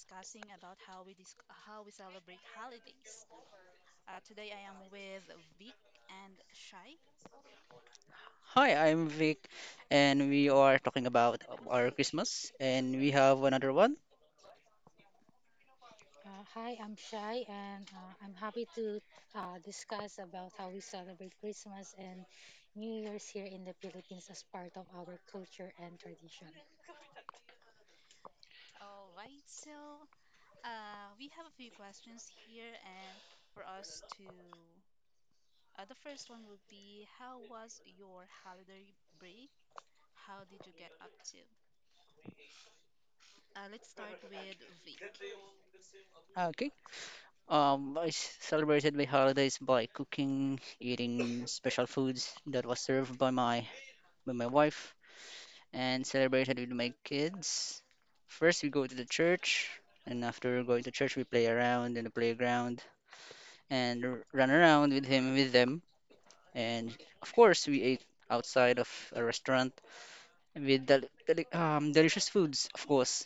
discussing about how we celebrate holidays. Today I am with Vic and Shai. Hi, I'm Vic, and we are talking about our Christmas, and we have another one. Hi, I'm Shai, and I'm happy to discuss about how we celebrate Christmas and New Year's here in the Philippines as part of our culture and tradition. All right, so we have a few questions here, and for us to the first one would be how was your holiday break? How did you get up to? Let's start with Vic. Okay. I celebrated my holidays by cooking, eating special foods that was served by my wife, and celebrated with my kids. First, we go to the church, and after going to church, we play around in the playground and run around with him with them. And of course, we ate outside of a restaurant with deli delicious foods, of course.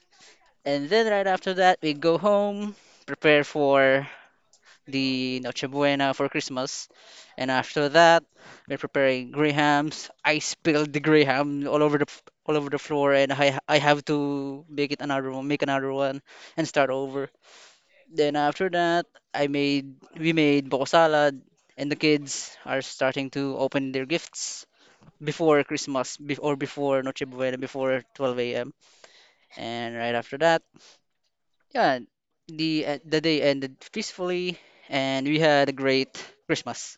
And then right after that, we go home, prepare for the Noche Buena for Christmas. And after that, we're preparing grahams. I spilled the graham all over the floor, and I have to make another one, and start over. Then after that, I made we made boko salad, and the kids are starting to open their gifts before Christmas, bef- or before Noche Buena, before 12 a.m. And right after that. Yeah, the day ended peacefully, and we had a great Christmas.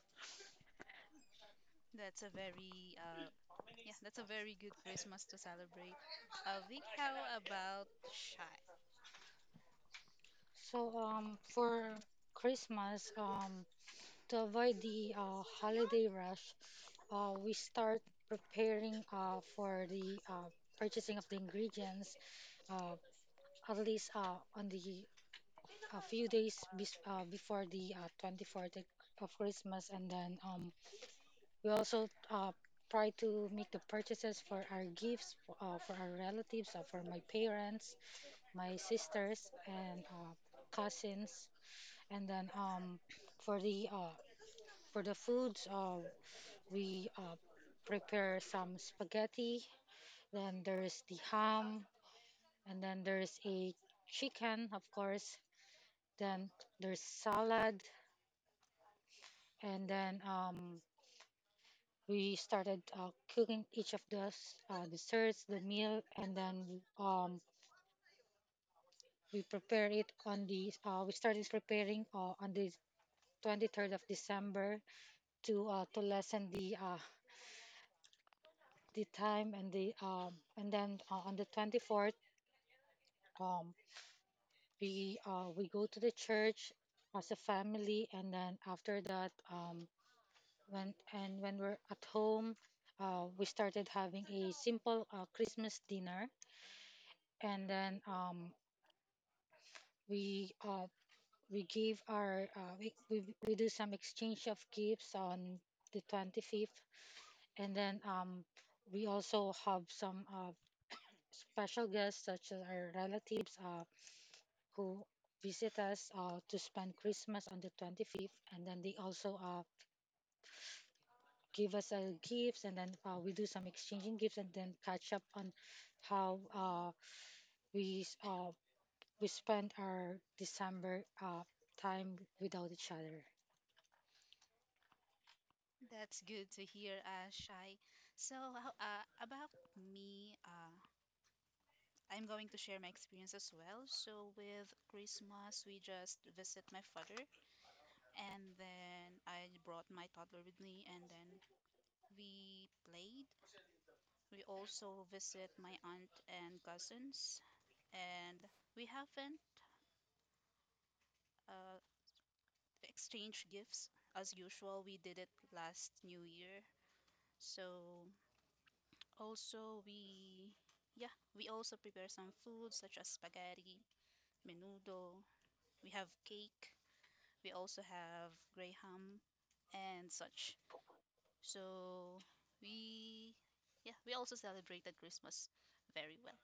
That's a very yeah, that's a very good Christmas to celebrate. Vic, how about Shy? So, for Christmas, to avoid the holiday rush, we start preparing for the purchasing of the ingredients uh, at least on the a few days before the 24th of Christmas. And then we also try to make the purchases for our gifts, for our relatives, for my parents, my sisters, and cousins. And then for the uh, for the foods, we prepare some spaghetti. Then there's the ham, and then there's a chicken, of course. Then there's salad, and then we started cooking each of those desserts, the meal, and then we prepare it on the. We started preparing on the 23rd of December to to lessen the the time and then on the 24th, um, we go to the church as a family. And then after that, when we're at home. We started having a simple Christmas dinner. And then we uh we give our we do some exchange of gifts on the 25th. And then we also have some special guests such as our relatives who visit us to spend Christmas on the 25th. And then they also give us gifts. And then we do some exchanging gifts, and then catch up on how we s- uh we spend our December time without each other. That's good to hear, Shai. So, about me, I'm going to share my experience as well. So, with Christmas, we just visit my father, and then I brought my toddler with me, and then we played. We also visit my aunt and cousins, and we haven't uh, exchanged gifts as usual. We did it last New Year. So, Also, we also prepare some food such as spaghetti, menudo. We have cake. We also have grey ham and such. So we yeah, we also celebrated Christmas very well.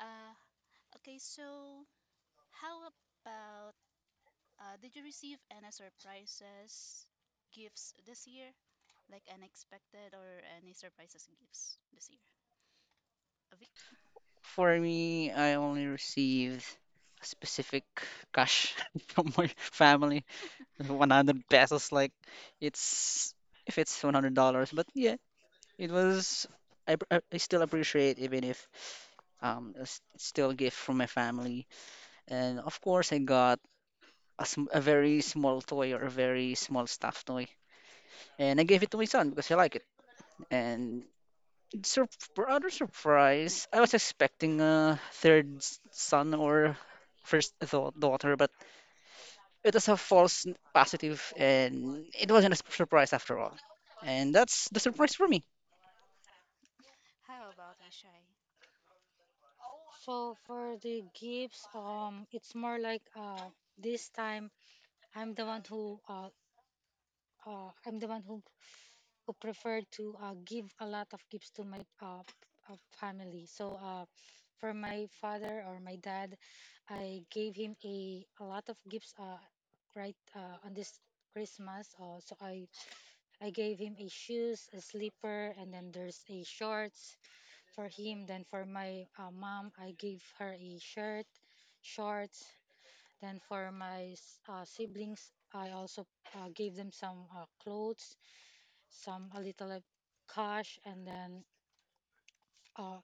Uh, okay, so how about did you receive any surprises gifts this year? Like unexpected or any surprises gifts this year? Avi? For me, I only received a specific cash from my family, 100 pesos. Like it's if it's 100 dollars, but yeah, it was. I, pr- I still appreciate even if it's still a gift from my family, and of course I got a very small toy or a very small stuffed toy, and I gave it to my son because he liked it, and Sur- other surprise, I was expecting a son or daughter, but it was a positive, and it wasn't a surprise after all. And that's the surprise for me. How about you, Shai? So for the gifts, it's more like, this time I'm the one who uh, I'm the one who prefer to give a lot of gifts to my, family. So for my father or my dad, I gave him a lot of gifts, right, on this Christmas. So I gave him a shoes, a slipper, and then there's a shorts for him. Then for my, mom, I gave her a shirt, shorts. Then for my siblings, I also gave them some clothes, some a little of cash. And then uh,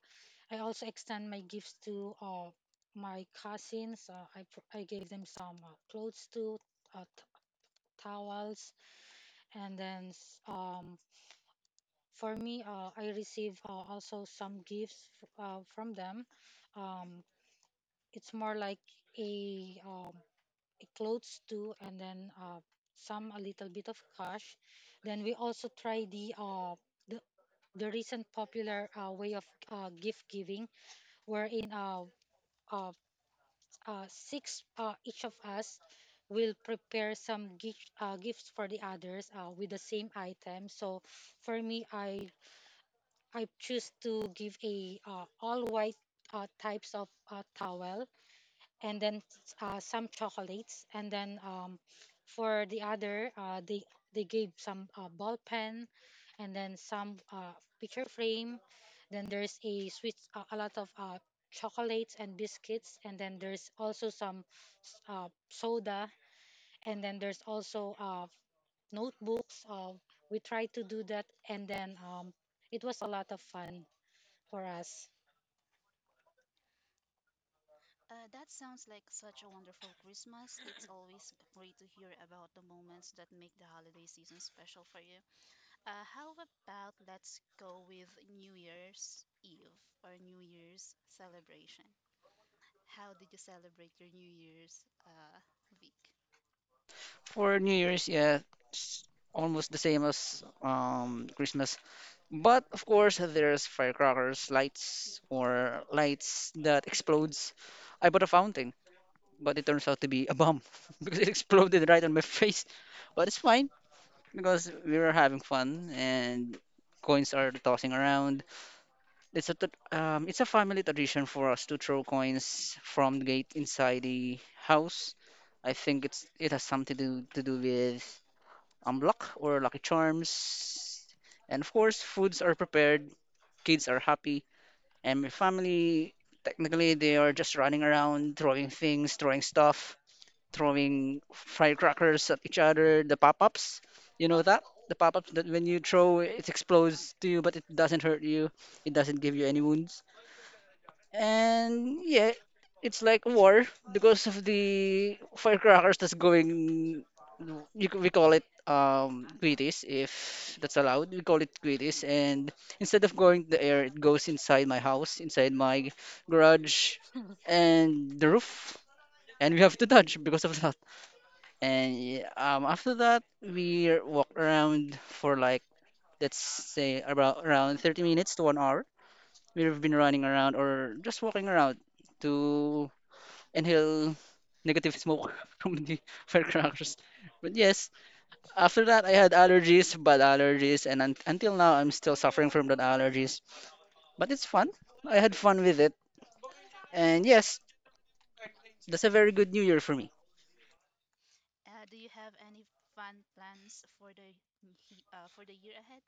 I also extend my gifts to, my cousins. I gave them some clothes too, uh, t- towels. And then for me, I receive, also some gifts from them. Um, it's more like a, um, a clothes too, and then some a little bit of cash. Then we also try the, the recent popular way of gift giving, wherein, uh, six, each of us will prepare some gifts for the others with the same item. So for me, I choose to give a, all white types of towel, and then some chocolates. And then for the other, they gave some ball pen, and then some picture frame. Then there's a sweet, a lot of chocolates and biscuits. And then there's also some soda. And then there's also notebooks. We tried to do that, and then it was a lot of fun for us. That sounds like such a wonderful Christmas. It's always great to hear about the moments that make the holiday season special for you. How about let's go with New Year's Eve or New Year's celebration? How did you celebrate your New Year's week? For New Year's, yeah, it's almost the same as Christmas. But of course, there's firecrackers, lights that explodes. I bought a fountain, but it turns out to be a bomb because it exploded right on my face. But it's fine, because we were having fun and coins are tossing around. It's a family tradition for us to throw coins from the gate inside the house. I think it's it has something to do with luck or lucky charms, and of course foods are prepared. Kids are happy, and my family technically they are just running around, throwing things, throwing firecrackers at each other, the pop-ups. You know that? The pop-ups that when you throw, Mhm. it Okay. explodes to you, but it doesn't hurt you. It doesn't give you any wounds. And yeah, it's like war because of the firecrackers that's going. We call it guitis if that's allowed. We call it guitis, and instead of going to the air, it goes inside my house, inside my garage, and the roof, and we have to dodge because of that. And yeah, after that, we walked around for like, let's say about around 30 minutes to 1 hour. We've been running around or just walking around to inhale negative smoke from the firecrackers. But yes, after that, I had allergies, bad allergies, and un until now, I'm still suffering from that allergies. But it's fun. I had fun with it. And yes, that's a very good new year for me. Do you have any fun plans for the for the year ahead?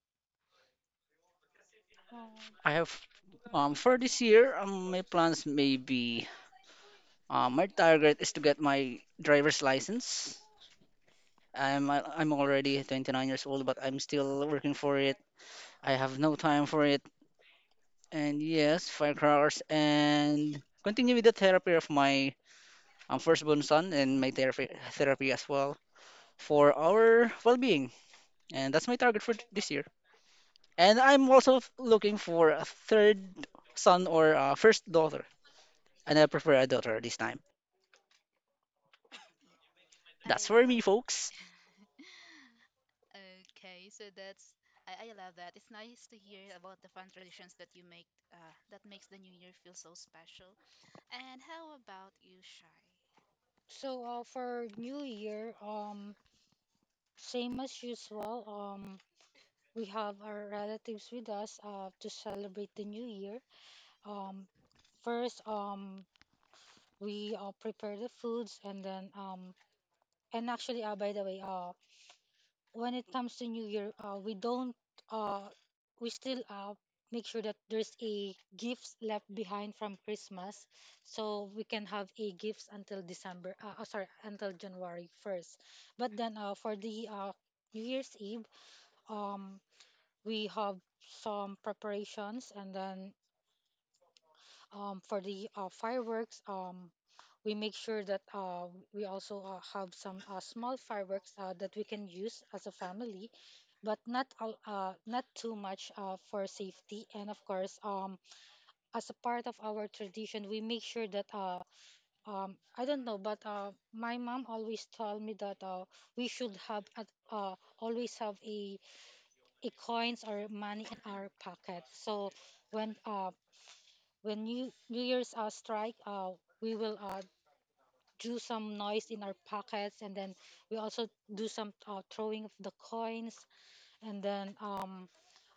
Um, I have for this year, my plans may be my target is to get my driver's license. I'm already 29 years old, but I'm still working for it. I have no time for it. And yes, firecrackers and continue with the therapy of my firstborn son and my therapy as well for our well-being. And that's my target for this year. And I'm also looking for a third son or a first daughter. And I prefer a daughter this time. That's Yeah, for I me, love. folks. Okay, so that's I love that. It's nice to hear about the fun traditions that you make that makes the new year feel so special. And how about you, Shy? so for New Year, same as usual. We have our relatives with us to celebrate the New Year. Um, first, we, prepare the foods, and then, and actually, by the way, when it comes to New Year, we don't, uh, we still make sure that there's a gifts left behind from Christmas, so we can have a gifts until December. Sorry, until January 1st. But then for the New Year's Eve, um, we have some preparations, and then for the fireworks, we make sure that we also have some small fireworks that we can use as a family, but not too much, for safety. And of course, as a part of our tradition, we make sure that, I don't know, but my mom always told me that we should have at always have a coins or money in our pocket. So when uh, when New Year's strike, we will do some noise in our pockets. And then we also do some throwing of the coins. And then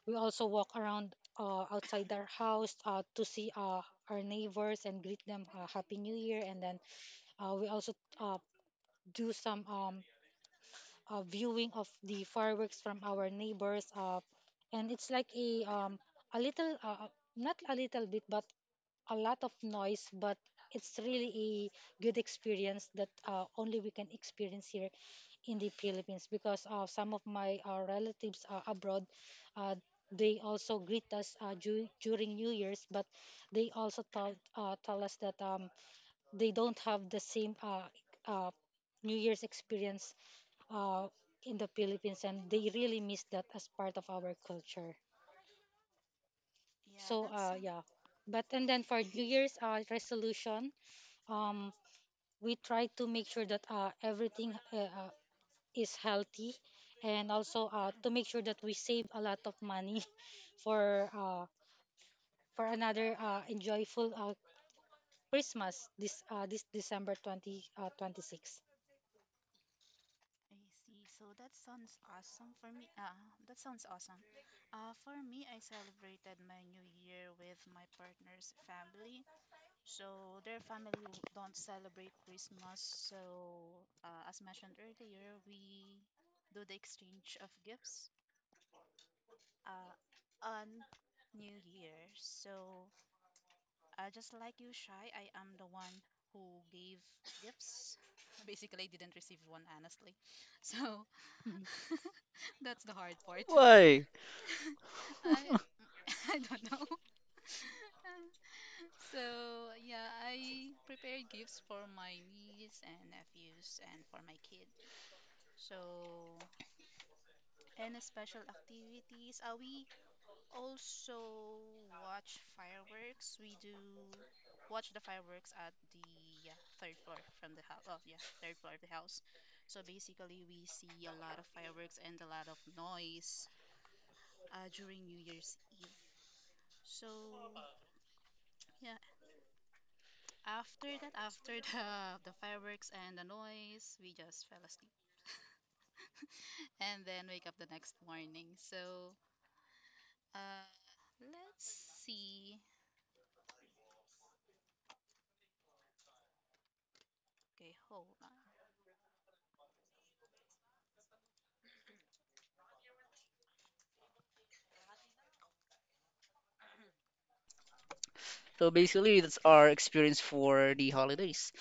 we also walk around outside our house to see our neighbors and greet them Happy New Year. And then we also uh, do some, viewing of the fireworks from our neighbors, and it's like a little. Not a little bit, but a lot of noise. But it's really a good experience that only we can experience here in the Philippines, because some of my relatives, abroad, uh, they also greet us during New Year's, but they also tell us that they don't have the same uh, New Year's experience uh, in the Philippines, and they really miss that as part of our culture. Yeah, So, that's yeah. But and then for New Year's resolution, um, we try to make sure that everything, is healthy, and also to make sure that we save a lot of money for uh, for another enjoyable Christmas, this December 20, 26. I see. So that sounds awesome for me. That sounds awesome. For me, I celebrated my new year with my partner's family. So their family don't celebrate Christmas. So as mentioned earlier, we do the exchange of gifts uh, on New Year. So, just like you, Shy, I am the one who gave gifts. Basically, I didn't receive one, honestly. So, Mhm. that's the hard part. Why? I, I don't know. So, yeah, I prepared gifts for my niece and nephews and for my kid. So, and special activities. We also watch fireworks. We do watch the fireworks at the third floor from the house. Oh, yeah, third floor of the house. So basically, we see a lot of fireworks and a lot of noise during New Year's Eve. So yeah, after that, after the fireworks and the noise, we just fell asleep and then wake up the next morning. So uh, let's see. Okay, hold on. So basically, that's our experience for the holidays.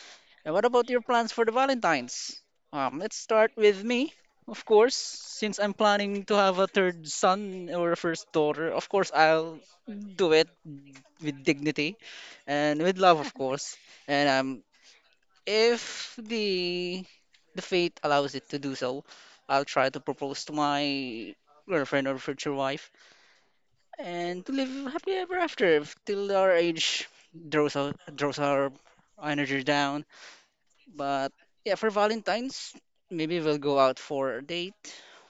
And what about your plans for the Valentines? Let's start with me, of course, since I'm planning to have a third son or a first daughter. Of course, I'll do it with dignity and with love, of course. And if the fate allows it to do so, I'll try to propose to my girlfriend or future wife and to live happy ever after if till our age draws draws our energy down. But yeah, for Valentine's, maybe we'll go out for a date,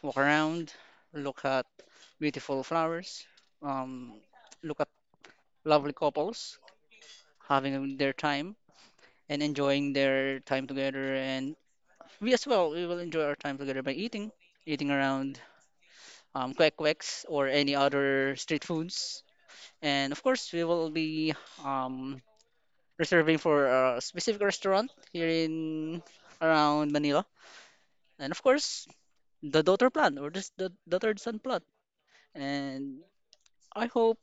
walk around, look at beautiful flowers, um, look at lovely couples having their time and enjoying their time together. And we as well, we will enjoy our time together by eating, eating around kwek kweks or any other street foods. And of course, we will be um, reserving for a specific restaurant here in around Manila. And of course, the daughter plan or just the third son plot. And I hope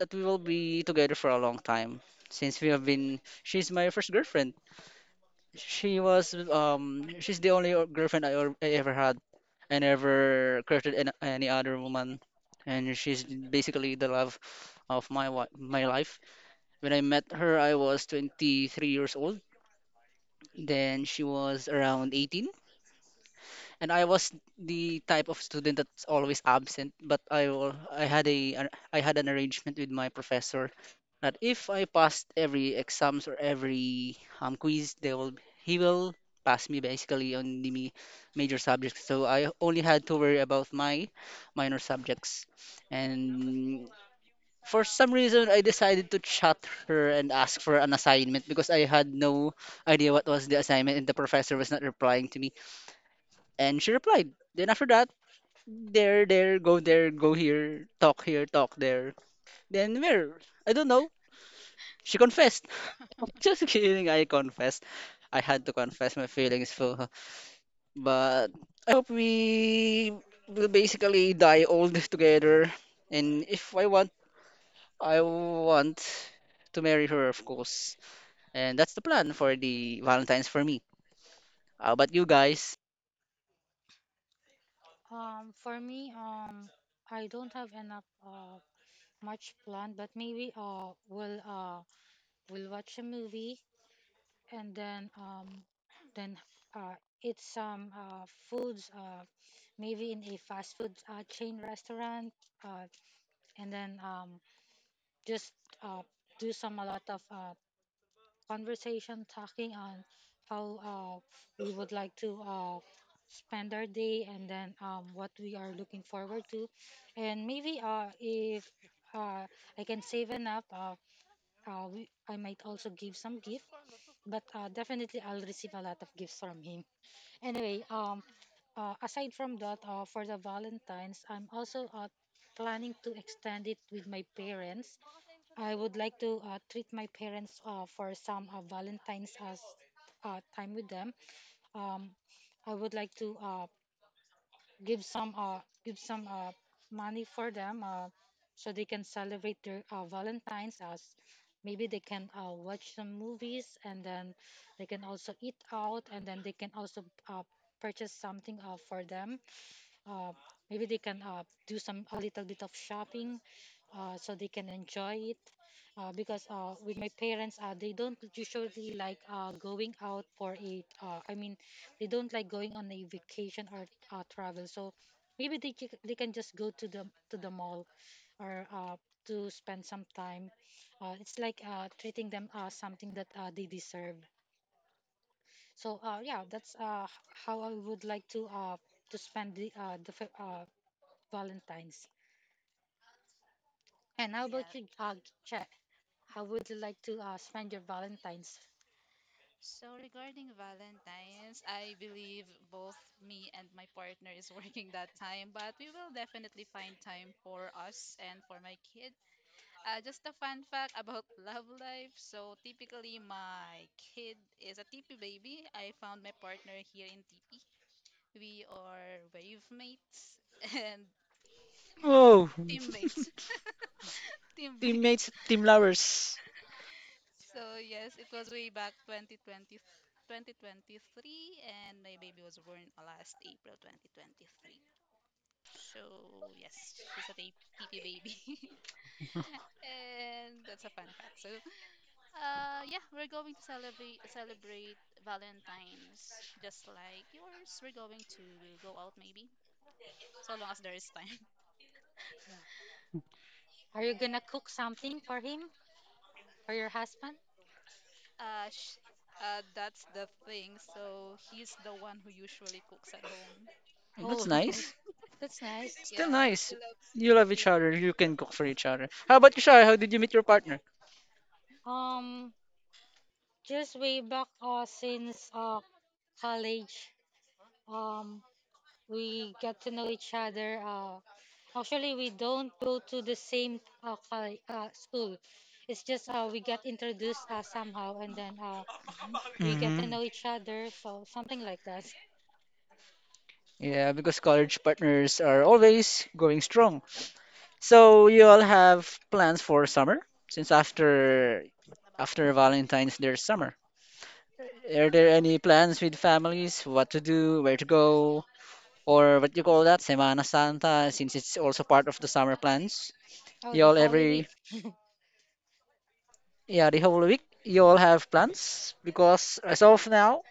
that we will be together for a long time since we have been. She's my first girlfriend. She was she's the girlfriend I ever had. I never courted any other woman, and she's basically the love of my life. When I met her, I was 23 years old. Then she was around 18, and I was the type of student that's always absent. But I had I had an arrangement with my professor that if I passed every exams or every quiz, they will he will pass me basically on the major subjects. So I only had to worry about my minor subjects, and for some reason I decided to chat her and ask for an assignment because I had no idea what was the assignment and the professor was not replying to me. And she replied. Then after that, go there, go here, talk there. Then where? I don't know. She confessed. Just kidding, I confessed. I had to confess my feelings for her. But I hope we will basically die old together. And if I want, I want to marry her, of course. And that's the plan for the Valentine's for me. How about you guys? For me, I don't have enough much plan, but maybe we'll watch a movie, and then then uh, eat some foods, maybe in a fast food chain restaurant, uh, and then just uh, do some a lot of conversation, talking on how we would like to spend our day, and then what we are looking forward to, and maybe if uh, I can save enough, I might also give some gift, but definitely I'll receive a lot of gifts from him. Anyway, aside from that, for the Valentine's, I'm also planning to extend it with my parents. I would like to treat my parents for some Valentine's as time with them. Um, I would like to give some uh give some money for them so they can celebrate their Valentines, as maybe they can watch some movies, and then they can also eat out, and then they can also purchase something for them uh. Maybe they can do some a little bit of shopping, so they can enjoy it. Because with my parents, they don't usually like going out for a. I mean, they don't like going on a vacation or travel. So maybe they can just go to the mall, or to spend some time. It's like treating them, something that they deserve. So yeah, that's how I would like to to spend Valentine's. And how about Yeah, you, Jack? How would you like to spend your Valentine's? so regarding Valentine's, I believe both me and my partner is working that time, but we will definitely find time for us and for my kid. Just a fun fact about love life. So typically, my kid is a tipi baby. I found my partner here in tipi. We are wave mates and yeah, Oh, teammates, teammates. teammates, team lovers. So yes, it was way back 2020, 2023, and my baby was born last April 2023. So yes, she's a TP baby, and that's a fun fact. So yeah, we're going to celebrate Valentine's just like yours. We're going to go out maybe, so long as there is time. Yeah. Are you gonna cook something for him or your husband? Uh, sh- that's the thing. So he's the one who usually cooks at home. That's Oh, nice. that's nice. Still Yeah, nice. he loves You love each cooking. other. You can cook for each other. How about you, Shai? How did you meet your partner? Um, just way back since college, um, we got to know each other. Actually, we don't go to the same school. It's just we got introduced somehow, and then we get to Hmm. know each other. So something like that. Yeah, because college partners are always going strong. So you all have plans for summer? Since after Valentine's, there's summer. Are there any plans with families? What to do? Where to go? Or what you call that, Semana Santa, since it's also part of the summer plans. Oh, the Y'all Holy Week. every, yeah, the whole week, y'all have plans because as of now,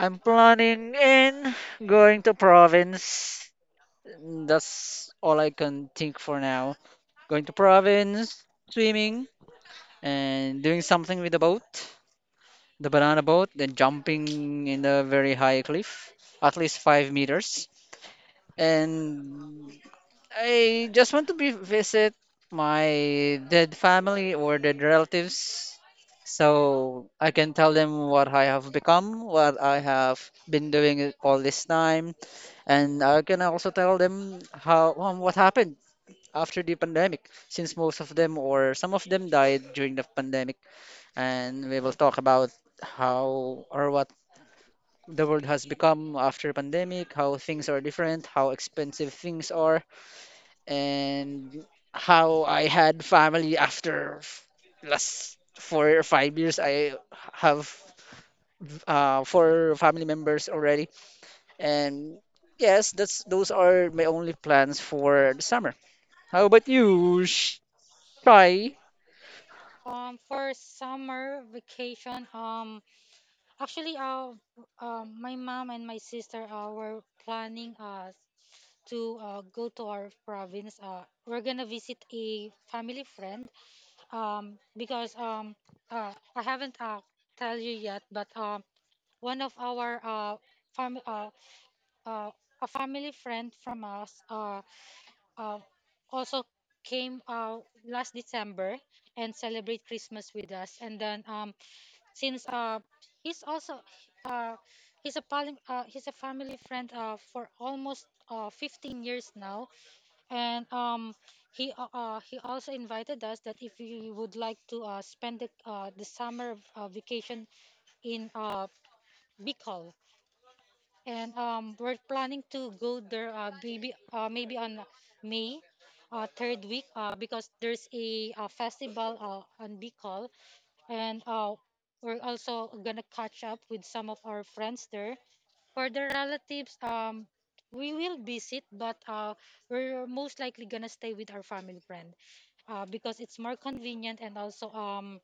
I'm planning in going to province. That's all I can think for now. Going to province, swimming, and doing something with the boat, the banana boat, then jumping in a very high cliff, at least 5 meters. And I just want to be visit my dead family or dead relatives so I can tell them what I have become, what I have been doing it all this time, and I can also tell them how what happened after the pandemic, since most of them or some of them died during the pandemic, and we will talk about how or what the world has become after pandemic, how things are different, how expensive things are, and how I had family after last 4 or 5 years. I have four family members already, and yes, that's those are my only plans for the summer. How about you, Shai? For summer vacation, actually, my mom and my sister were planning to go to our province. We're gonna visit a family friend, because, I haven't tell you yet, but one of our fam uh a family friend from us uh also came last December and celebrate Christmas with us. And then since he's also uh he's a poly, he's a family friend for almost 15 years now. And he, he also invited us that if we would like to spend the summer vacation in Bicol. And we're planning to go there, maybe on May third week, because there's a, festival on Bicol. And we're also gonna catch up with some of our friends there. For the relatives, we will visit, but we're most likely gonna stay with our family friend, because it's more convenient. And also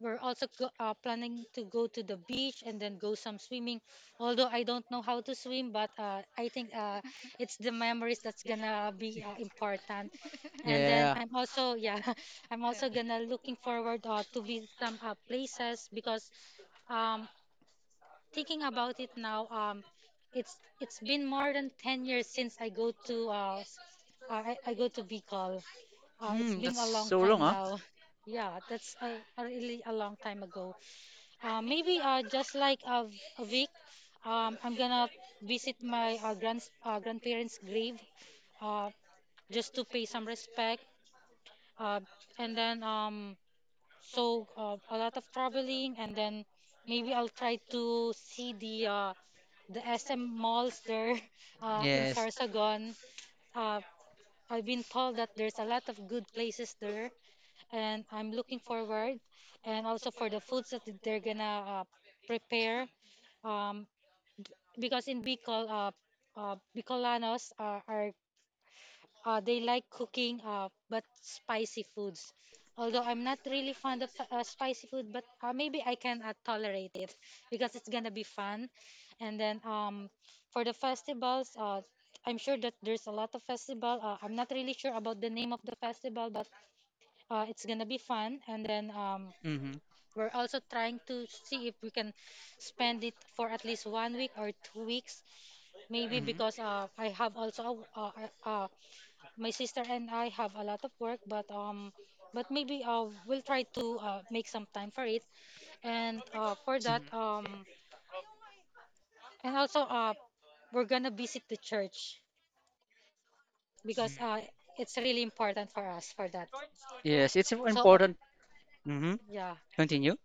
we're also planning to go to the beach and then go some swimming, although I don't know how to swim, but I think it's the memories that's gonna be important. And then Yeah. I'm also yeah I'm Uh, also gonna looking forward to visit some places because um thinking about it now, it's been more than 10 years since I go to I go to bicol. It's Hmm, been that's a long so long, time huh? now. Yeah, that's a really a long time ago. Maybe just like a week, I'm gonna visit my grandparents grave uh just to pay some respect. uh and then so a lot of traveling, and then maybe I'll try to see the SM malls there. In Yes. Sarsagon. Uh, I've been told that there's a lot of good places there, and I'm looking forward, and also for the foods that they're gonna prepare, um, because in Bicol, Bicolanos are, are they like cooking, but spicy foods. Although I'm not really fond of spicy food, but maybe I can tolerate it because it's gonna be fun. And then for the festivals, I'm sure that there's a lot of festival. I'm not really sure about the name of the festival, but it's gonna be fun. And then Hmm. we're also trying to see if we can spend it for at least 1 week or 2 weeks, maybe, Mhm. because I have also uh, uh, my sister and I have a lot of work, but maybe we'll try to make some time for it. And for that, Mhm. Eh. and also we're gonna visit the church because it's really important for us for that. Yes, it's So important. Hmm. yeah, Continue.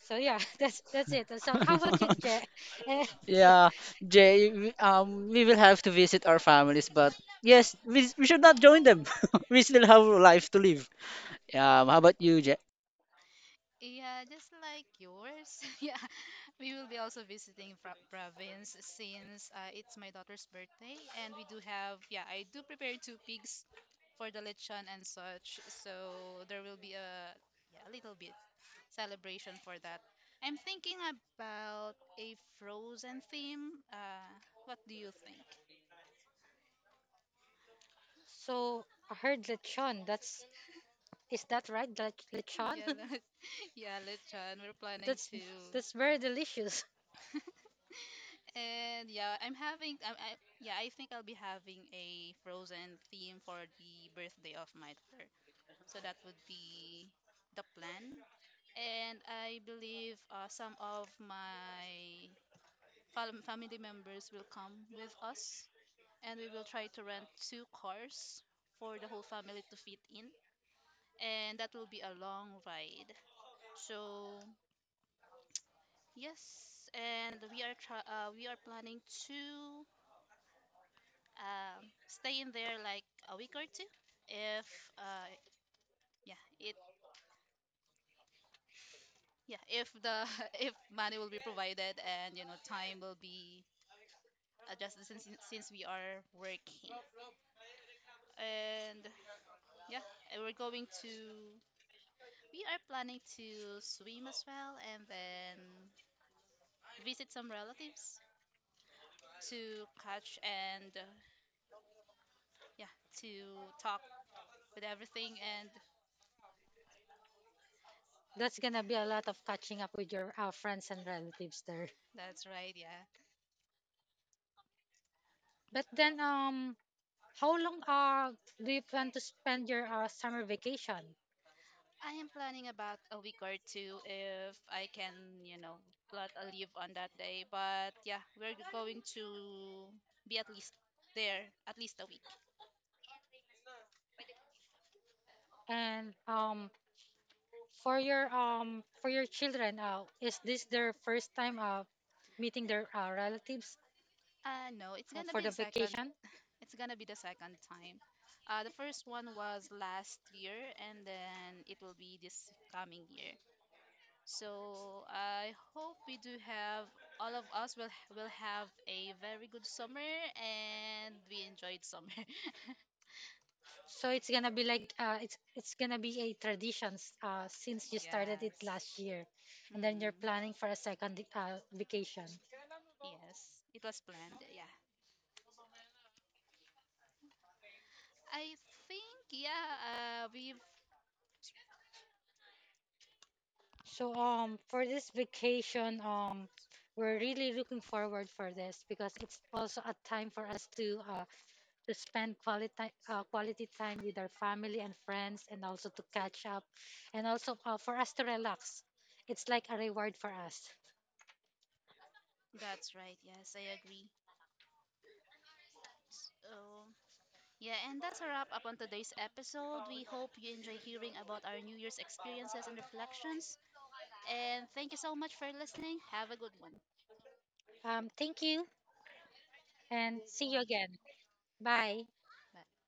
that's it. So how about you, Je? Eh, so, Yeah, Jay, we will have to visit our families, but yes, we should not join them. We still have life to live. How about you, Yeah, just like yours. Yeah, we will be also visiting province since it's my daughter's birthday, and we do have yeah, I do prepare two pigs for the lechon and such. So there will be a yeah, a little bit celebration for that. I'm thinking about a frozen theme. What do you think? so I heard lechon. That's, is that right? Lechon? Yeah, let, yeah, lechon. We're planning that's to. that's very delicious. And yeah, I'm having I yeah, I think I'll be having a frozen theme for the birthday of my daughter. So that would be the plan. And I believe some of my family members will come with us and we will try to rent two cars for the whole family to fit in. And that will be a long ride. So, yes, and we are planning to stay in there like a week or two if uh, yeah it yeah if the if money will be provided and you know time will be adjusted since we are working and yeah and we are planning to swim as well and then visit some relatives to catch and yeah to talk with everything and That's uh, gonna be a lot of catching up with your friends and relatives there. that's right yeah But then, how long do you plan to spend your summer vacation? I am planning about a week or two if I can, you know, plot a leave on that day. But yeah, we're going to be at least there at least a week. And for your children, is this their first time meeting their relatives No, it's gonna for be the the second. vacation? It's gonna be the second time. The first one was last year, and then it will be this coming year. So I hope we do have all of us will have a very good summer, and we enjoyed summer. So it's gonna be like it's gonna be a tradition since you started it Yes. last year, and then you're Mm, planning for a second vacation. yes, it was planned. Yeah, I think yeah. We've. So for this vacation, we're really looking forward for this because it's also a time for us to spend quality quality time with our family and friends, and also to catch up, and also for us to relax. It's like a reward for us. That's right. Yes, I agree. So yeah, and that's a wrap up on today's episode. We hope you enjoy hearing about our New Year's experiences and reflections. And thank you so much for listening. Have a good one. Thank you and see you again. Bye. Bye.